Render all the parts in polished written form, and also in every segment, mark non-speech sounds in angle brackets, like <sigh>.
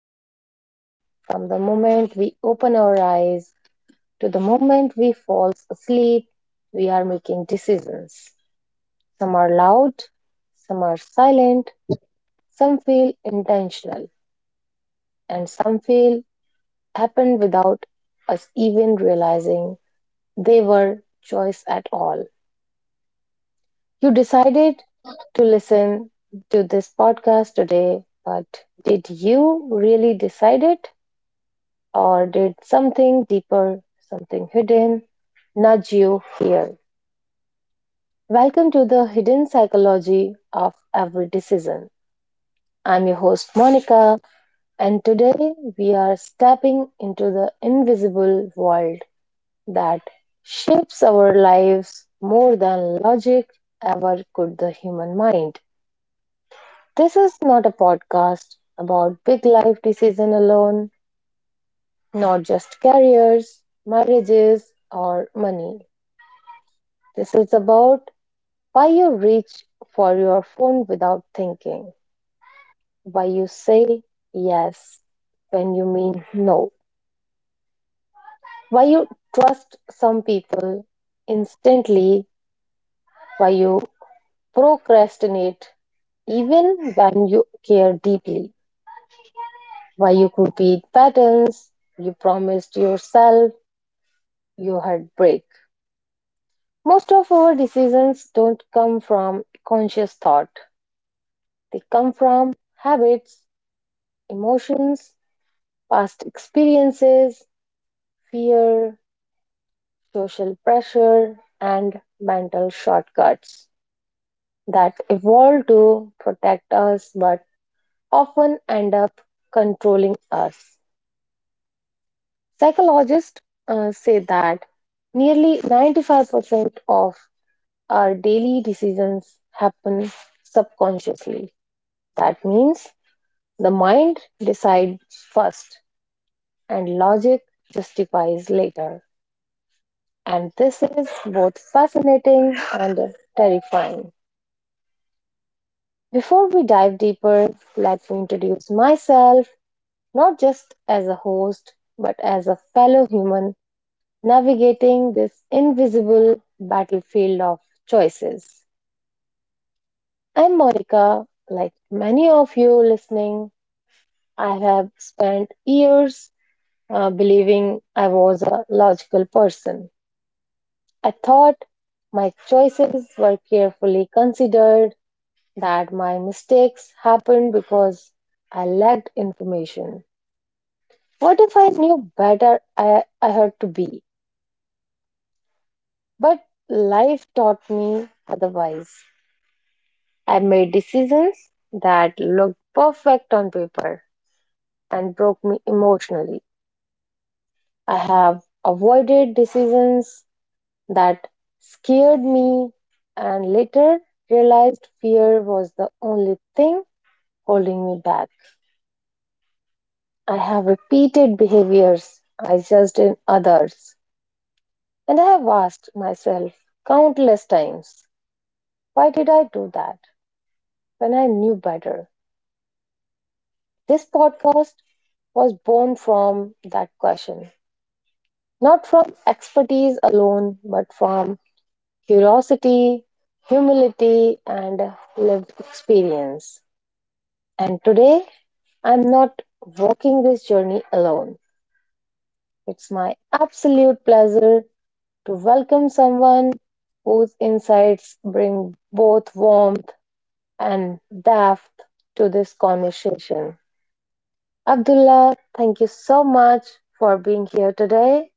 single day, from the moment we open our eyes to the moment we fall asleep, we are making decisions. Some are loud, some are silent, some feel intentional, and some feel happen without us even realizing they were choice at all. You decided to listen to this podcast today, but did you really decide it? Or did something deeper, something hidden, nudge you here? Welcome to the hidden psychology of every decision. I'm your host, Monica, and today we are stepping into the invisible world that shapes our lives more than logic ever could the human mind. This is not a podcast about big life decision alone, not just careers, marriages, or money. This is about why you reach for your phone without thinking, why you say yes when you mean no, why you trust some people instantly, why you procrastinate even when you care deeply, why you repeat patterns you promised yourself you had break. Most of our decisions don't come from conscious thought. They come from habits, emotions, past experiences, fear, social pressure, and mental shortcuts that evolve to protect us but often end up controlling us. Psychologists say that nearly 95% of our daily decisions happen subconsciously. That means the mind decides first and logic justifies later. And this is both fascinating and terrifying. Before we dive deeper, let me introduce myself not just as a host, but as a fellow human navigating this invisible battlefield of choices. I'm Monica. Like many of you listening, I have spent years believing I was a logical person. I thought my choices were carefully considered that my mistakes happened because I lacked information. What if I knew better I had to be? But life taught me otherwise. I made decisions that looked perfect on paper and broke me emotionally. I have avoided decisions that scared me and later realized fear was the only thing holding me back. I have repeated behaviors I judged in others, and I have asked myself countless times, why did I do that when I knew better? This podcast was born from that question, not from expertise alone, but from curiosity, humility, and lived experience. And today, I'm not walking this journey alone. It's my absolute pleasure to welcome someone whose insights bring both warmth and depth to this conversation. Abdullah, thank you so much for being here today.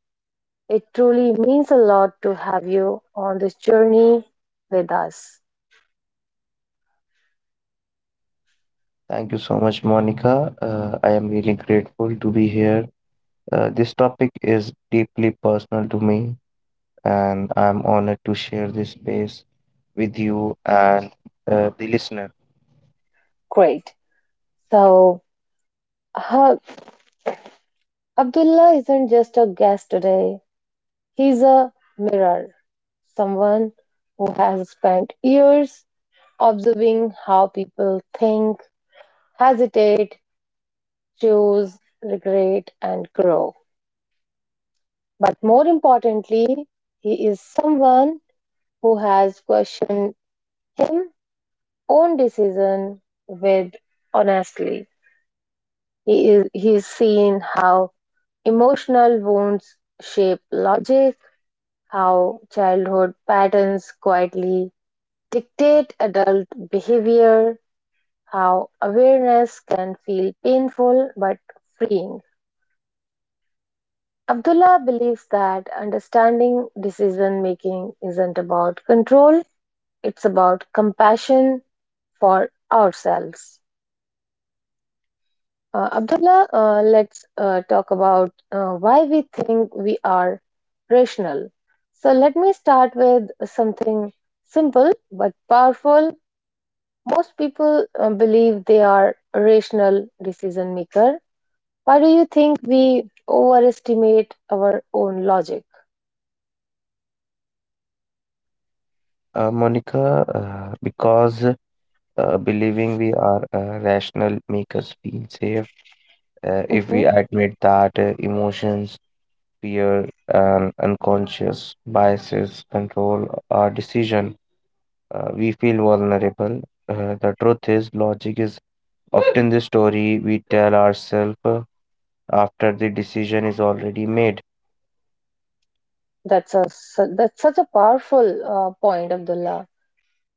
It truly means a lot to have you on this journey with us. Thank you so much, Monica. I am really grateful to be here. This topic is deeply personal to me, and I'm honored to share this space with you and the listener. Great. So, uh, Abdullah isn't just a guest today, he's a mirror, someone who has spent years observing how people think, hesitate, choose, regret, and grow. But more importantly, he is someone who has questioned his own decision with honestly. He's seen how emotional wounds shape logic, how childhood patterns quietly dictate adult behavior, how awareness can feel painful but freeing. Abdullah believes that understanding decision making isn't about control, it's about compassion for ourselves. Abdullah, let's talk about why we think we are rational. So, let me start with something simple but powerful. Most people believe they are a rational decision maker. Why do you think we overestimate our own logic? Monica, because believing we are rational make us feel safe. If Mm-hmm. we admit that emotions, fear, and unconscious biases control our decision, we feel vulnerable. The truth is, logic is often the story we tell ourselves after the decision is already made. That's such a powerful point, Abdullah.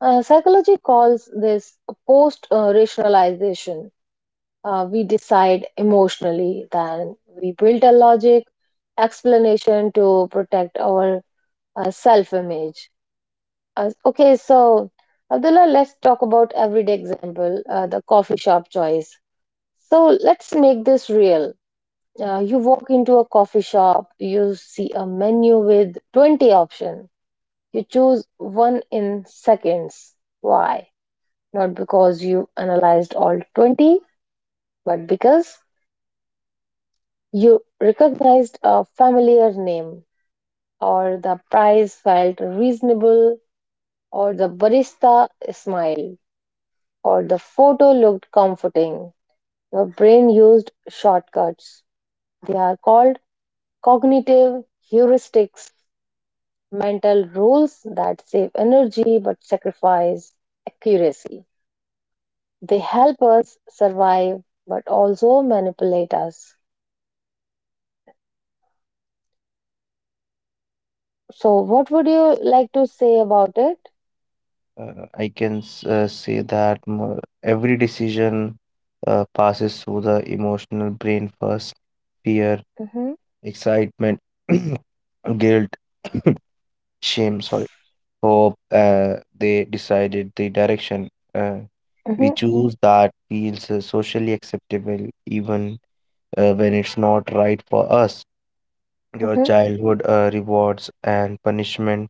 Psychology calls this post rationalization. We decide emotionally, then we build a logic explanation to protect our self image. Okay, so Abdullah, let's talk about everyday example, the coffee shop choice. So let's make this real. You walk into a coffee shop, you see a menu with 20 options. You chose one in seconds. Why? Not because you analyzed all 20, but because you recognized a familiar name, or the price felt reasonable, or the barista smiled, or the photo looked comforting. Your brain used shortcuts. They are called cognitive heuristics, mental rules that save energy but sacrifice accuracy. They help us survive but also manipulate us. So, what would you like to say about it? I can say that every decision passes through the emotional brain first: fear, Mm-hmm, excitement, <clears throat> guilt, <coughs> shame, sorry, hope. They decided the direction. Uh, we mm-hmm, choose that feels socially acceptable, even when it's not right for us. Your mm-hmm. childhood rewards and punishment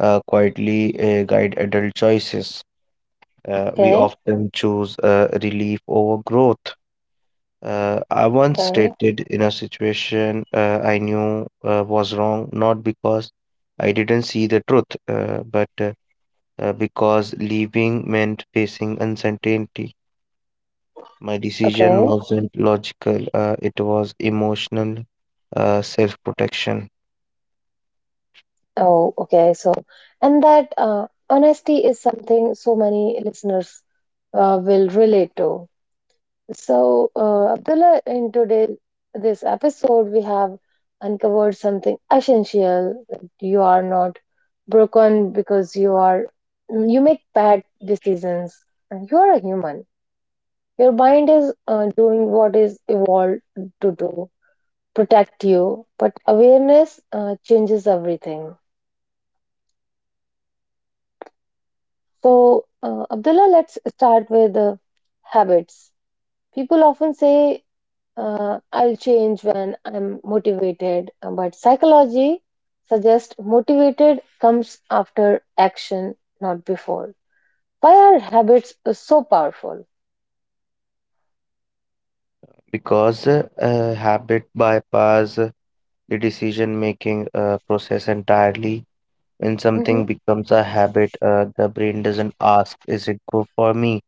quietly guide adult choices. We Okay, often choose relief over growth. I once okay, stated in a situation I knew was wrong, not because I didn't see the truth, but because leaving meant facing uncertainty. My decision okay. wasn't logical, it was emotional self protection. Oh, okay. So, and that honesty is something so many listeners will relate to. So, Abdullah, in today this episode, we have uncovered something essential that you are not broken because you are you make bad decisions and you are a human. Your mind is doing what is evolved to do, protect you, but awareness changes everything. So, Abdullah, let's start with habits. People often say I'll change when I'm motivated. But psychology suggests motivated comes after action, not before. Why are habits so powerful? Because habit bypass the decision making process entirely. When Hmm. something becomes a habit, the brain doesn't ask, is it good for me?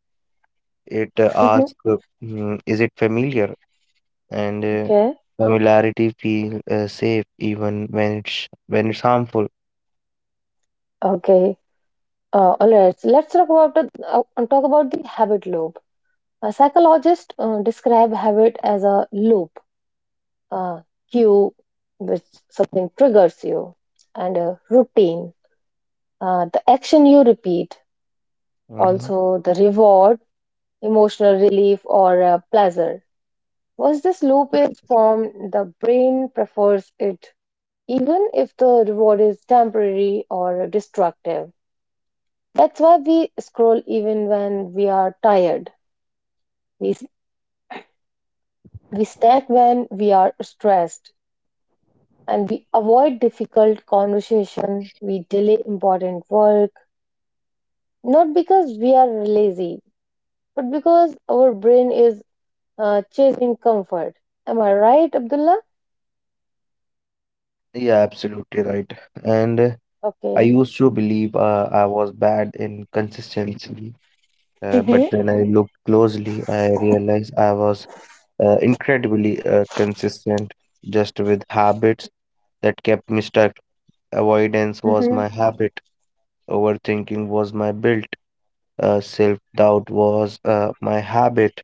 It Hmm. asks, "Is it familiar? And Okay. familiarity feel safe even when it's harmful. Okay. All right. So let's talk about the habit loop. A psychologist describe habit as a loop, uh, cue, which something triggers you, and a routine, the action you repeat, Mhm. also the reward emotional relief, or pleasure. Once this loop is formed, the brain prefers it, even if the reward is temporary or destructive. That's why we scroll even when we are tired. We, we snack when we are stressed. And we avoid difficult conversation. We delay important work. Not because we are lazy, but because our brain is chasing comfort. Am I right, Abdullah? Yeah, absolutely right. And I Okay. used to believe I was bad in consistency. But when I looked closely, I realized I was incredibly consistent, just with habits that kept me stuck. Avoidance was Hmm. my habit, overthinking was my built, self-doubt was my habit.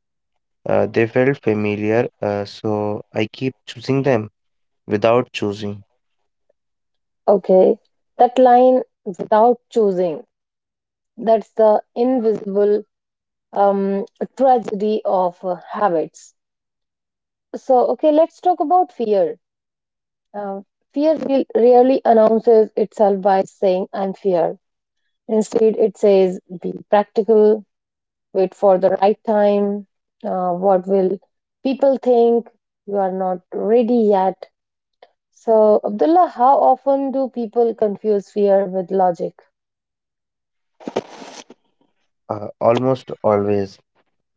They felt familiar, so I keep choosing them without choosing. Okay, that line without choosing, that's the invisible um, tragedy of habits. So, okay, let's talk about fear. Uh, fear rarely announces itself by saying, I'm fear. Instead, it says, be practical, wait for the right time, what will people think, you are not ready yet. So, Abdullah, how often do people confuse fear with logic? Almost always,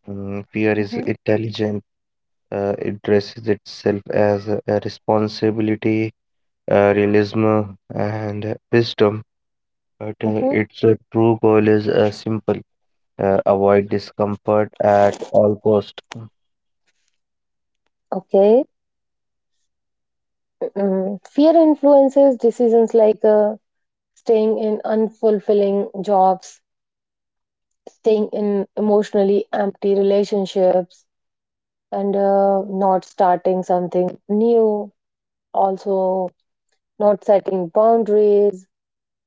fear is Hmm. intelligent. It dresses itself as a responsibility, realism, and wisdom, but its true goal is simple: avoid discomfort at all cost. Okay. Fear influences decisions like staying in unfulfilling jobs, staying in emotionally empty relationships, and not starting something new. Also, not setting boundaries,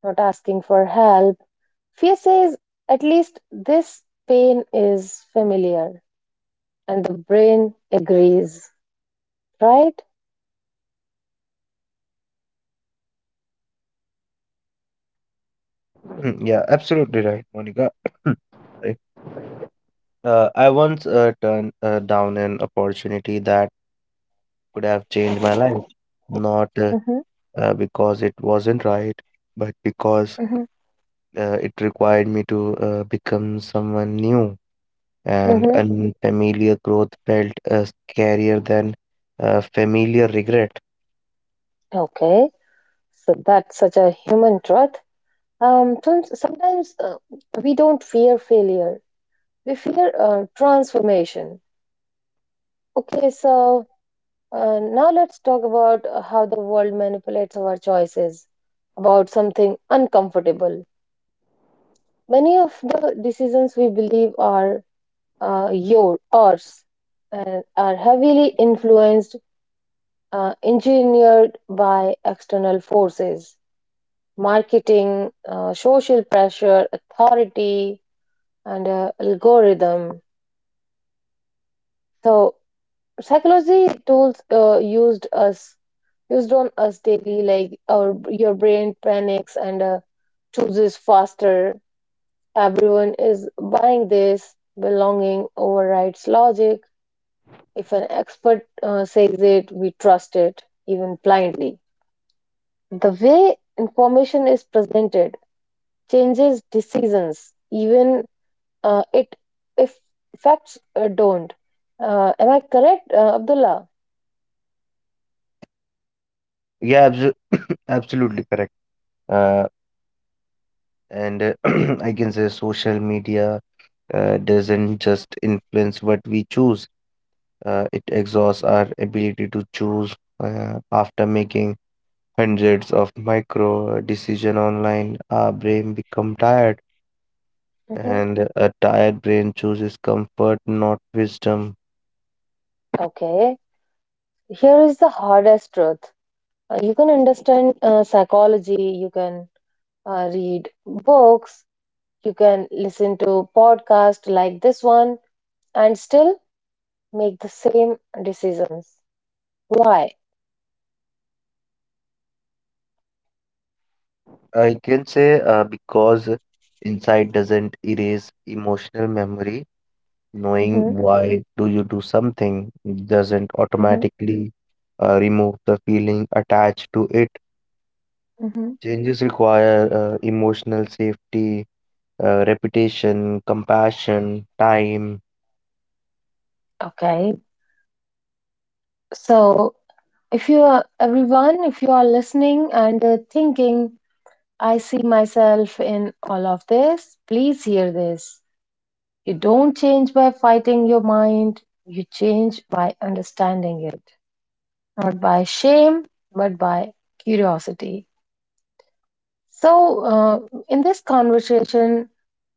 not asking for help. Fear says, at least this pain is familiar, and the brain agrees, right? <clears throat> Yeah, absolutely right, Monica. <clears throat> Sorry. I once turned down an opportunity that could have changed my life, not uh, Mm-hmm, uh, because it wasn't right, but because mm-hmm, it required me to become someone new, and mm-hmm. unfamiliar growth felt scarier than familiar regret. Okay. So that's such a human truth. Tons- sometimes we don't fear failure, we fear transformation. Okay, so now let's talk about how the world manipulates our choices about something uncomfortable. Many of the decisions we believe are ours and are heavily influenced, engineered by external forces marketing, social pressure, authority, and algorithm. So psychology tools used on us daily, like our your brain panics and chooses faster. Everyone is buying this. Belonging overrides logic. If an expert says it, we trust it even blindly. The way information is presented changes decisions, even it if facts don't. Am I correct, Abdullah? <coughs> Absolutely correct. Uh, and <coughs> <clears throat> I can say social media doesn't just influence what we choose, it exhausts our ability to choose after making hundreds of micro decision online. Our brain become tired, Mhm. and a tired brain chooses comfort, not wisdom. Okay, here is the hardest truth. You can understand psychology, you can read books, you can listen to podcasts like this one, and still make the same decisions. Why? I can say because insight doesn't erase emotional memory. Knowing Hmm. why do you do something doesn't Hmm. automatically remove the feeling attached to it. Hmm. Changes require emotional safety, reputation, compassion, time. Okay, so if you are everyone, if you are listening and thinking, I see myself in all of this, please hear this. You don't change by fighting your mind, you change by understanding it, not by shame, but by curiosity. So, in this conversation,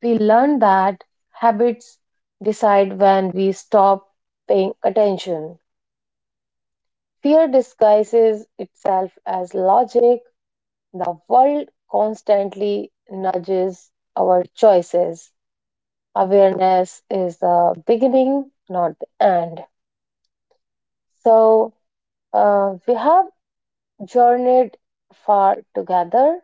we learned that habits decide when we stop paying attention. Fear disguises itself as logic, the world constantly nudges our choices. Awareness is the beginning, not the end. So, we have journeyed far together.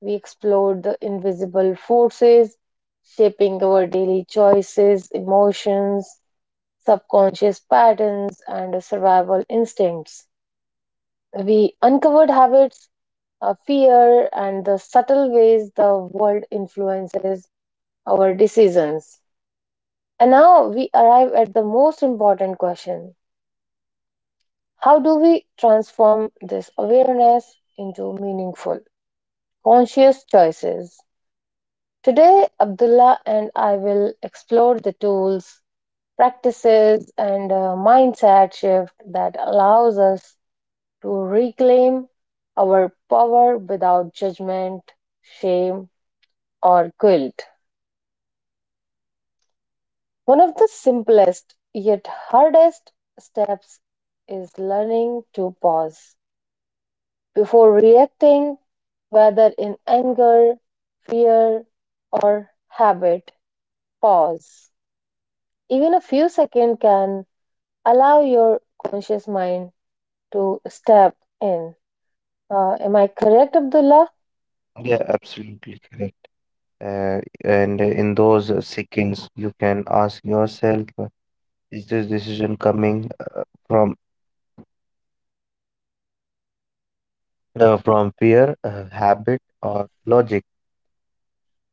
We explored the invisible forces shaping our daily choices, emotions, subconscious patterns, and survival instincts. We uncovered habits, fear, and the subtle ways the world influences our decisions. And now we arrive at the most important question. How do we transform this awareness into meaningful conscious choices? Today, Abdullah and I will explore the tools, practices, and mindset shift that allows us to reclaim our power without judgment, shame, or guilt. One of the simplest yet hardest steps is learning to pause before reacting, whether in anger, fear, or habit. Pause. Even a few seconds can allow your conscious mind to step in. Am I correct, Abdullah? Yeah, absolutely correct. Uh, and in those seconds, you can ask yourself, is this decision coming from from fear, habit, or logic?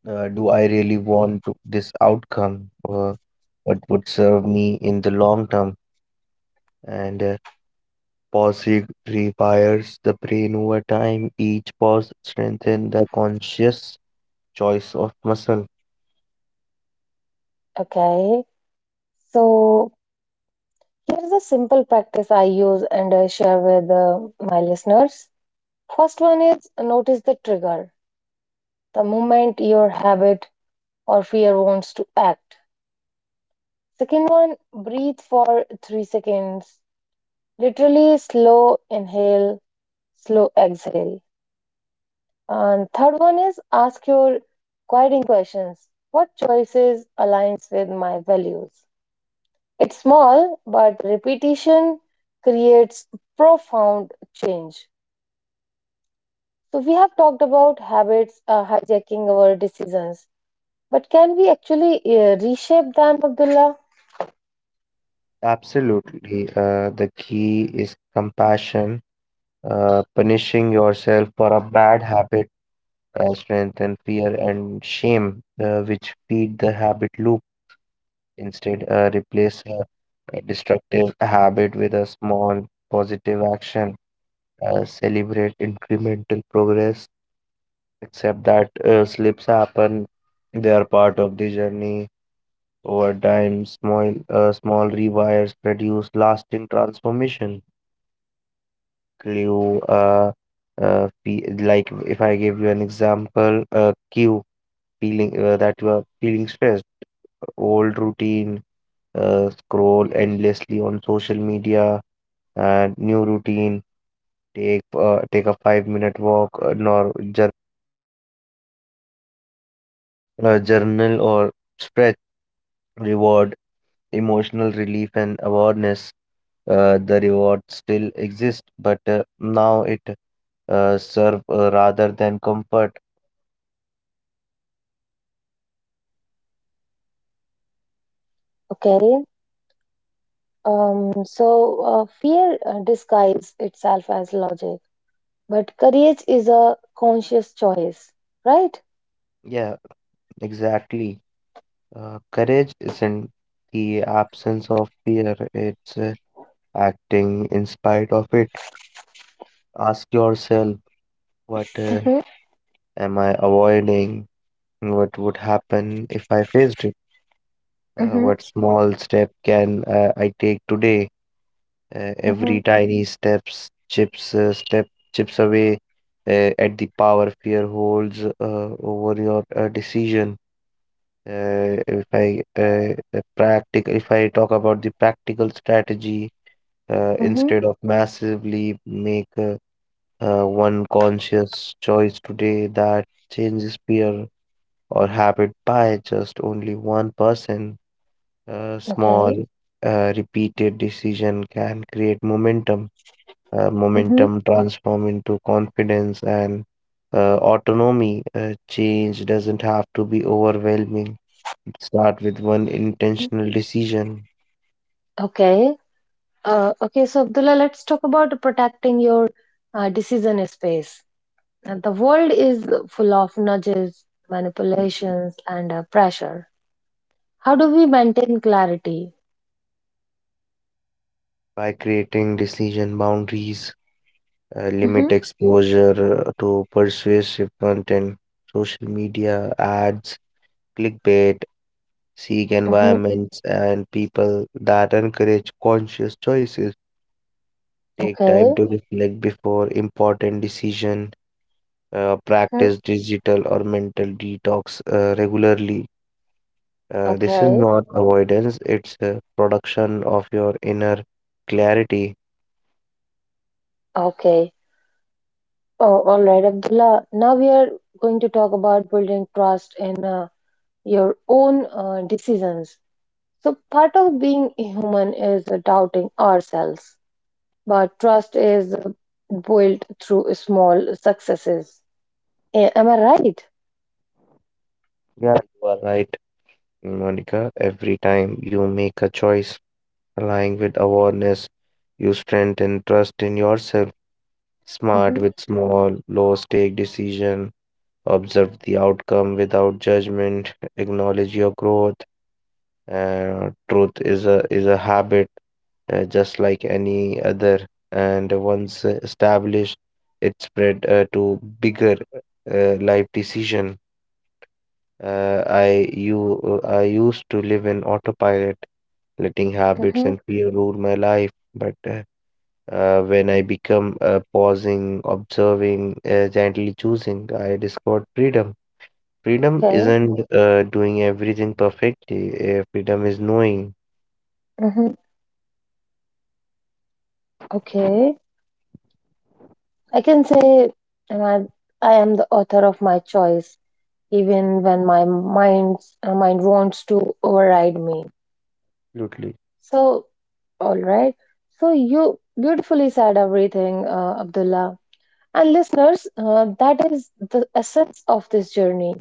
Do I really want to, this outcome? What would serve me in the long term? And pause rewires the brain over time. Each pause strengthens the conscious choice of muscle. Okay. So here's a simple practice I use and I share with my listeners. First one is notice the trigger, the moment your habit or fear wants to act. Second one, breathe for 3 seconds. Literally slow inhale, slow exhale. And third one is ask your guiding questions. What choices aligns with my values? It's small, but repetition creates profound change. So we have talked about habits hijacking our decisions, but can we actually reshape them, Abdullah? Absolutely. The key is compassion. Punishing yourself for a bad habit strengthens fear and shame, which feed the habit loop. Instead, replace a destructive habit with a small positive action. Celebrate incremental progress. Accept that slips happen. They are part of the journey. Over time, small rewires produce lasting transformation. Clue, uh, like if I give you an example: cue, feeling that you are feeling stressed. Old routine, scroll endlessly on social media. And new routine, take a 5-minute walk, nor jour- journal, or stretch. Reward, emotional relief and awareness. The reward still exists, but now it serve rather than comfort. Okay. So fear disguises itself as logic, but courage is a conscious choice, right? Yeah, exactly. Courage isn't the absence of fear, it's acting in spite of it. Ask yourself, what Mm-hmm, am I avoiding? What would happen if I faced it? Uh, mm-hmm, what small step can I take today? Every tiny steps chips away at the power fear holds over your decision. If I talk about the practical strategy, mm-hmm. instead of massively make one conscious choice today that changes fear or habit by just only one person. A small, Okay. Repeated decision can create momentum. Uh, Mm-hmm. momentum transform into confidence and autonomy. Change doesn't have to be overwhelming. Start with one intentional decision Okay. Okay, so Abdullah, let's talk about protecting your decision space. The world is full of nudges, manipulations, and pressure. How do we maintain clarity? by creating decision boundaries. Limit Mm-hmm. exposure to persuasive content, social media ads, clickbait. Seek Mm-hmm. environments and people that encourage conscious choices. Take time Okay. to reflect before important decision. Uh, Hmm. practice digital or mental detox regularly. This is Okay. not avoidance; it's a production of your inner clarity. Okay. Oh, all right, Abdullah. Now we are going to talk about building trust in your own decisions. So, part of being human is doubting ourselves, but trust is built through small successes. Am I right? Yeah, you are right, Monica. Every time you make a choice aligning with awareness, you strengthen trust in yourself. Smart Mm-hmm, with small, low-stake decision. Observe the outcome without judgment. Acknowledge your growth. Truth is a habit, just like any other, and once established, it spread to bigger life decision. I used to live in autopilot, letting habits mm-hmm, and fear rule my life, but when I become pausing, observing, gently choosing, I discovered freedom. Freedom okay, isn't doing everything perfectly. Freedom is knowing. mm-hmm, okay. I can say, and I am the author of my choice, even when my mind wants to override me. Absolutely. So, all right. So you beautifully said everything, Abdullah. And listeners, that is the essence of this journey.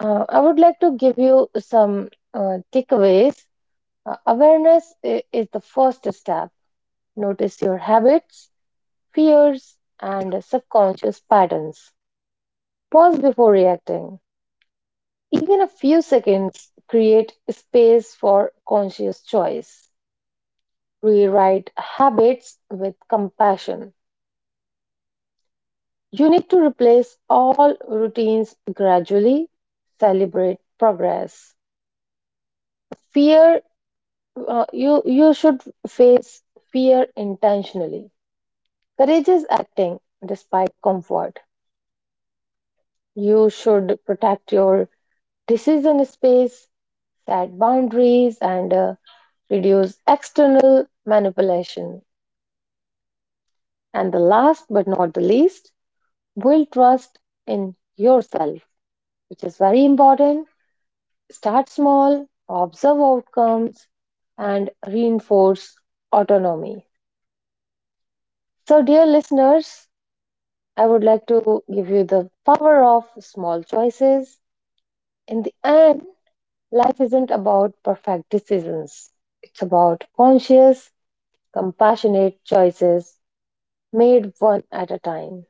I would like to give you some takeaways. Awareness is the first step. Notice your habits, fears, and subconscious patterns. Pause before reacting. Even a few seconds create space for conscious choice. Rewrite habits with compassion. You need to replace all routines gradually. Celebrate progress. Fear, you should face fear intentionally. Courage is acting despite comfort. You should protect your decision space, set boundaries, and reduce external manipulation. And the last but not the least, build trust in yourself, which is very important. Start small, observe outcomes, and reinforce autonomy. So, dear listeners, I would like to give you the power of small choices. In the end, life isn't about perfect decisions. It's about conscious, compassionate choices made one at a time.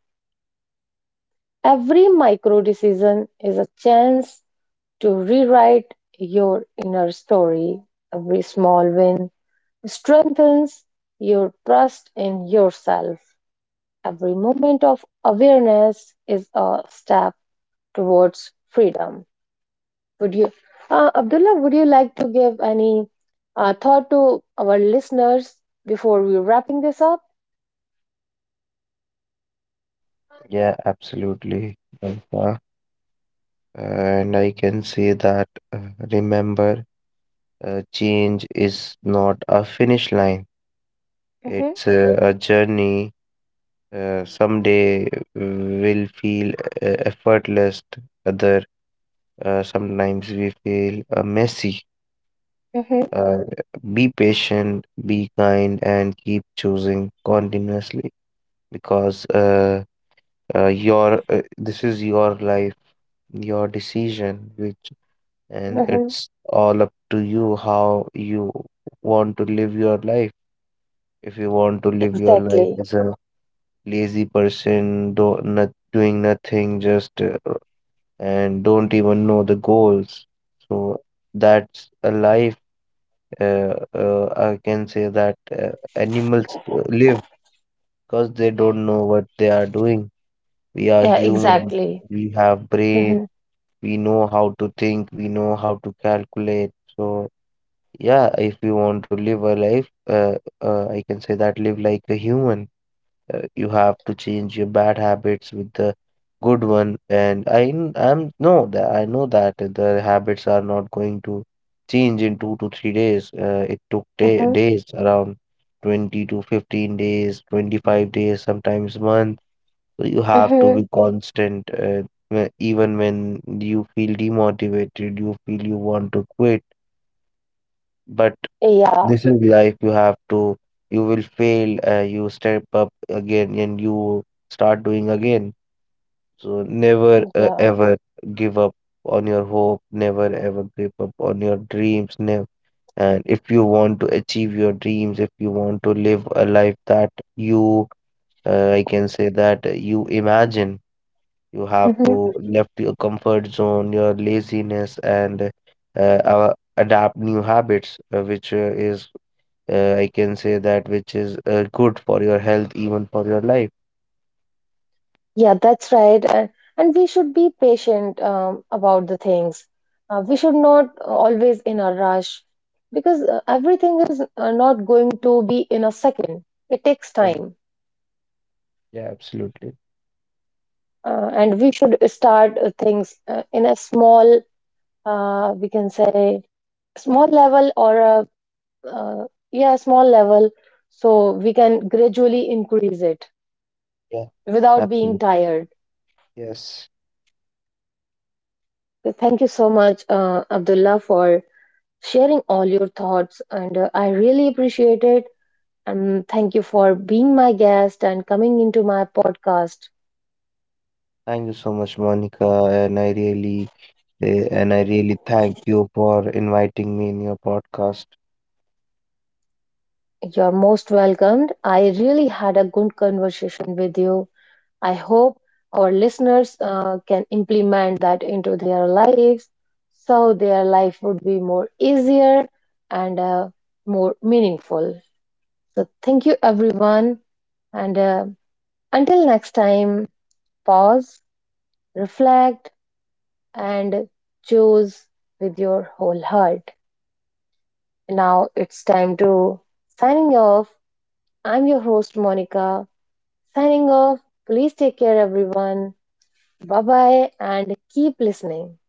Every micro decision is a chance to rewrite your inner story. Every small win strengthens your trust in yourself. Every moment of awareness is a step towards freedom. Would you, Abdullah, would you like to give any thought to our listeners before we're wrapping this up? Yeah, absolutely, Malika. And I can say that remember, change is not a finish line. Mm-hmm, It's a journey. Someday will feel effortless. Other sometimes we feel messy. mm-hmm, Uh, be patient, be kind, and keep choosing continuously, because your this is your life, your decision, which, and mm-hmm. it's all up to you how you want to live your life. If you want to live your life Exactly. as a lazy person, do not doing nothing, just and don't even know the goals, so that's a life. I can say that animals live because they don't know what they are doing. We are Yeah, humans. exactly. We have brain. Mm-hmm, We know how to think. We know how to calculate. So. Yeah, if you want to live a life, I can say that live like a human. You have to change your bad habits with the good one. And I n- I'm no that I know that the habits are not going to change in 2 to 3 days. Uh, it took day, mm-hmm, days around 20 to 15 days, 25 days, sometimes month. So you have to mm-hmm. be constant, even when you feel demotivated, you feel you want to quit. But Yeah, this is life. You will fail, you step up again and you start doing again. So never uh, yeah. ever give up on your hope, never ever give up on your dreams. Never. And if you want to achieve your dreams, if you want to live a life that you, I can say that you imagine, you have Mm-hmm. to left your comfort zone, your laziness, and adapt new habits, which is I can say that which is good for your health, even for your life. Yeah, that's right. And we should be patient about the things. We should not always in a rush because everything is not going to be in a second. It takes Yeah, time. yeah, absolutely. And we should start things in a small, we can say small level or a uh, yeah, small level, so we can gradually increase it Yeah, without being absolutely. tired. Yes. So thank you so much Abdullah for sharing all your thoughts, and I really appreciate it, and thank you for being my guest and coming into my podcast. Thank you so much, Monica, and I really thank you for inviting me in your podcast. You're most welcomed. I really had a good conversation with you. I hope our listeners can implement that into their lives so their life would be more easier and more meaningful. So, thank you everyone. And until next time, pause, reflect, and choose with your whole heart. Now it's time to signing off. I'm your host, Monica. Signing off. Please take care, everyone. Bye bye and keep listening.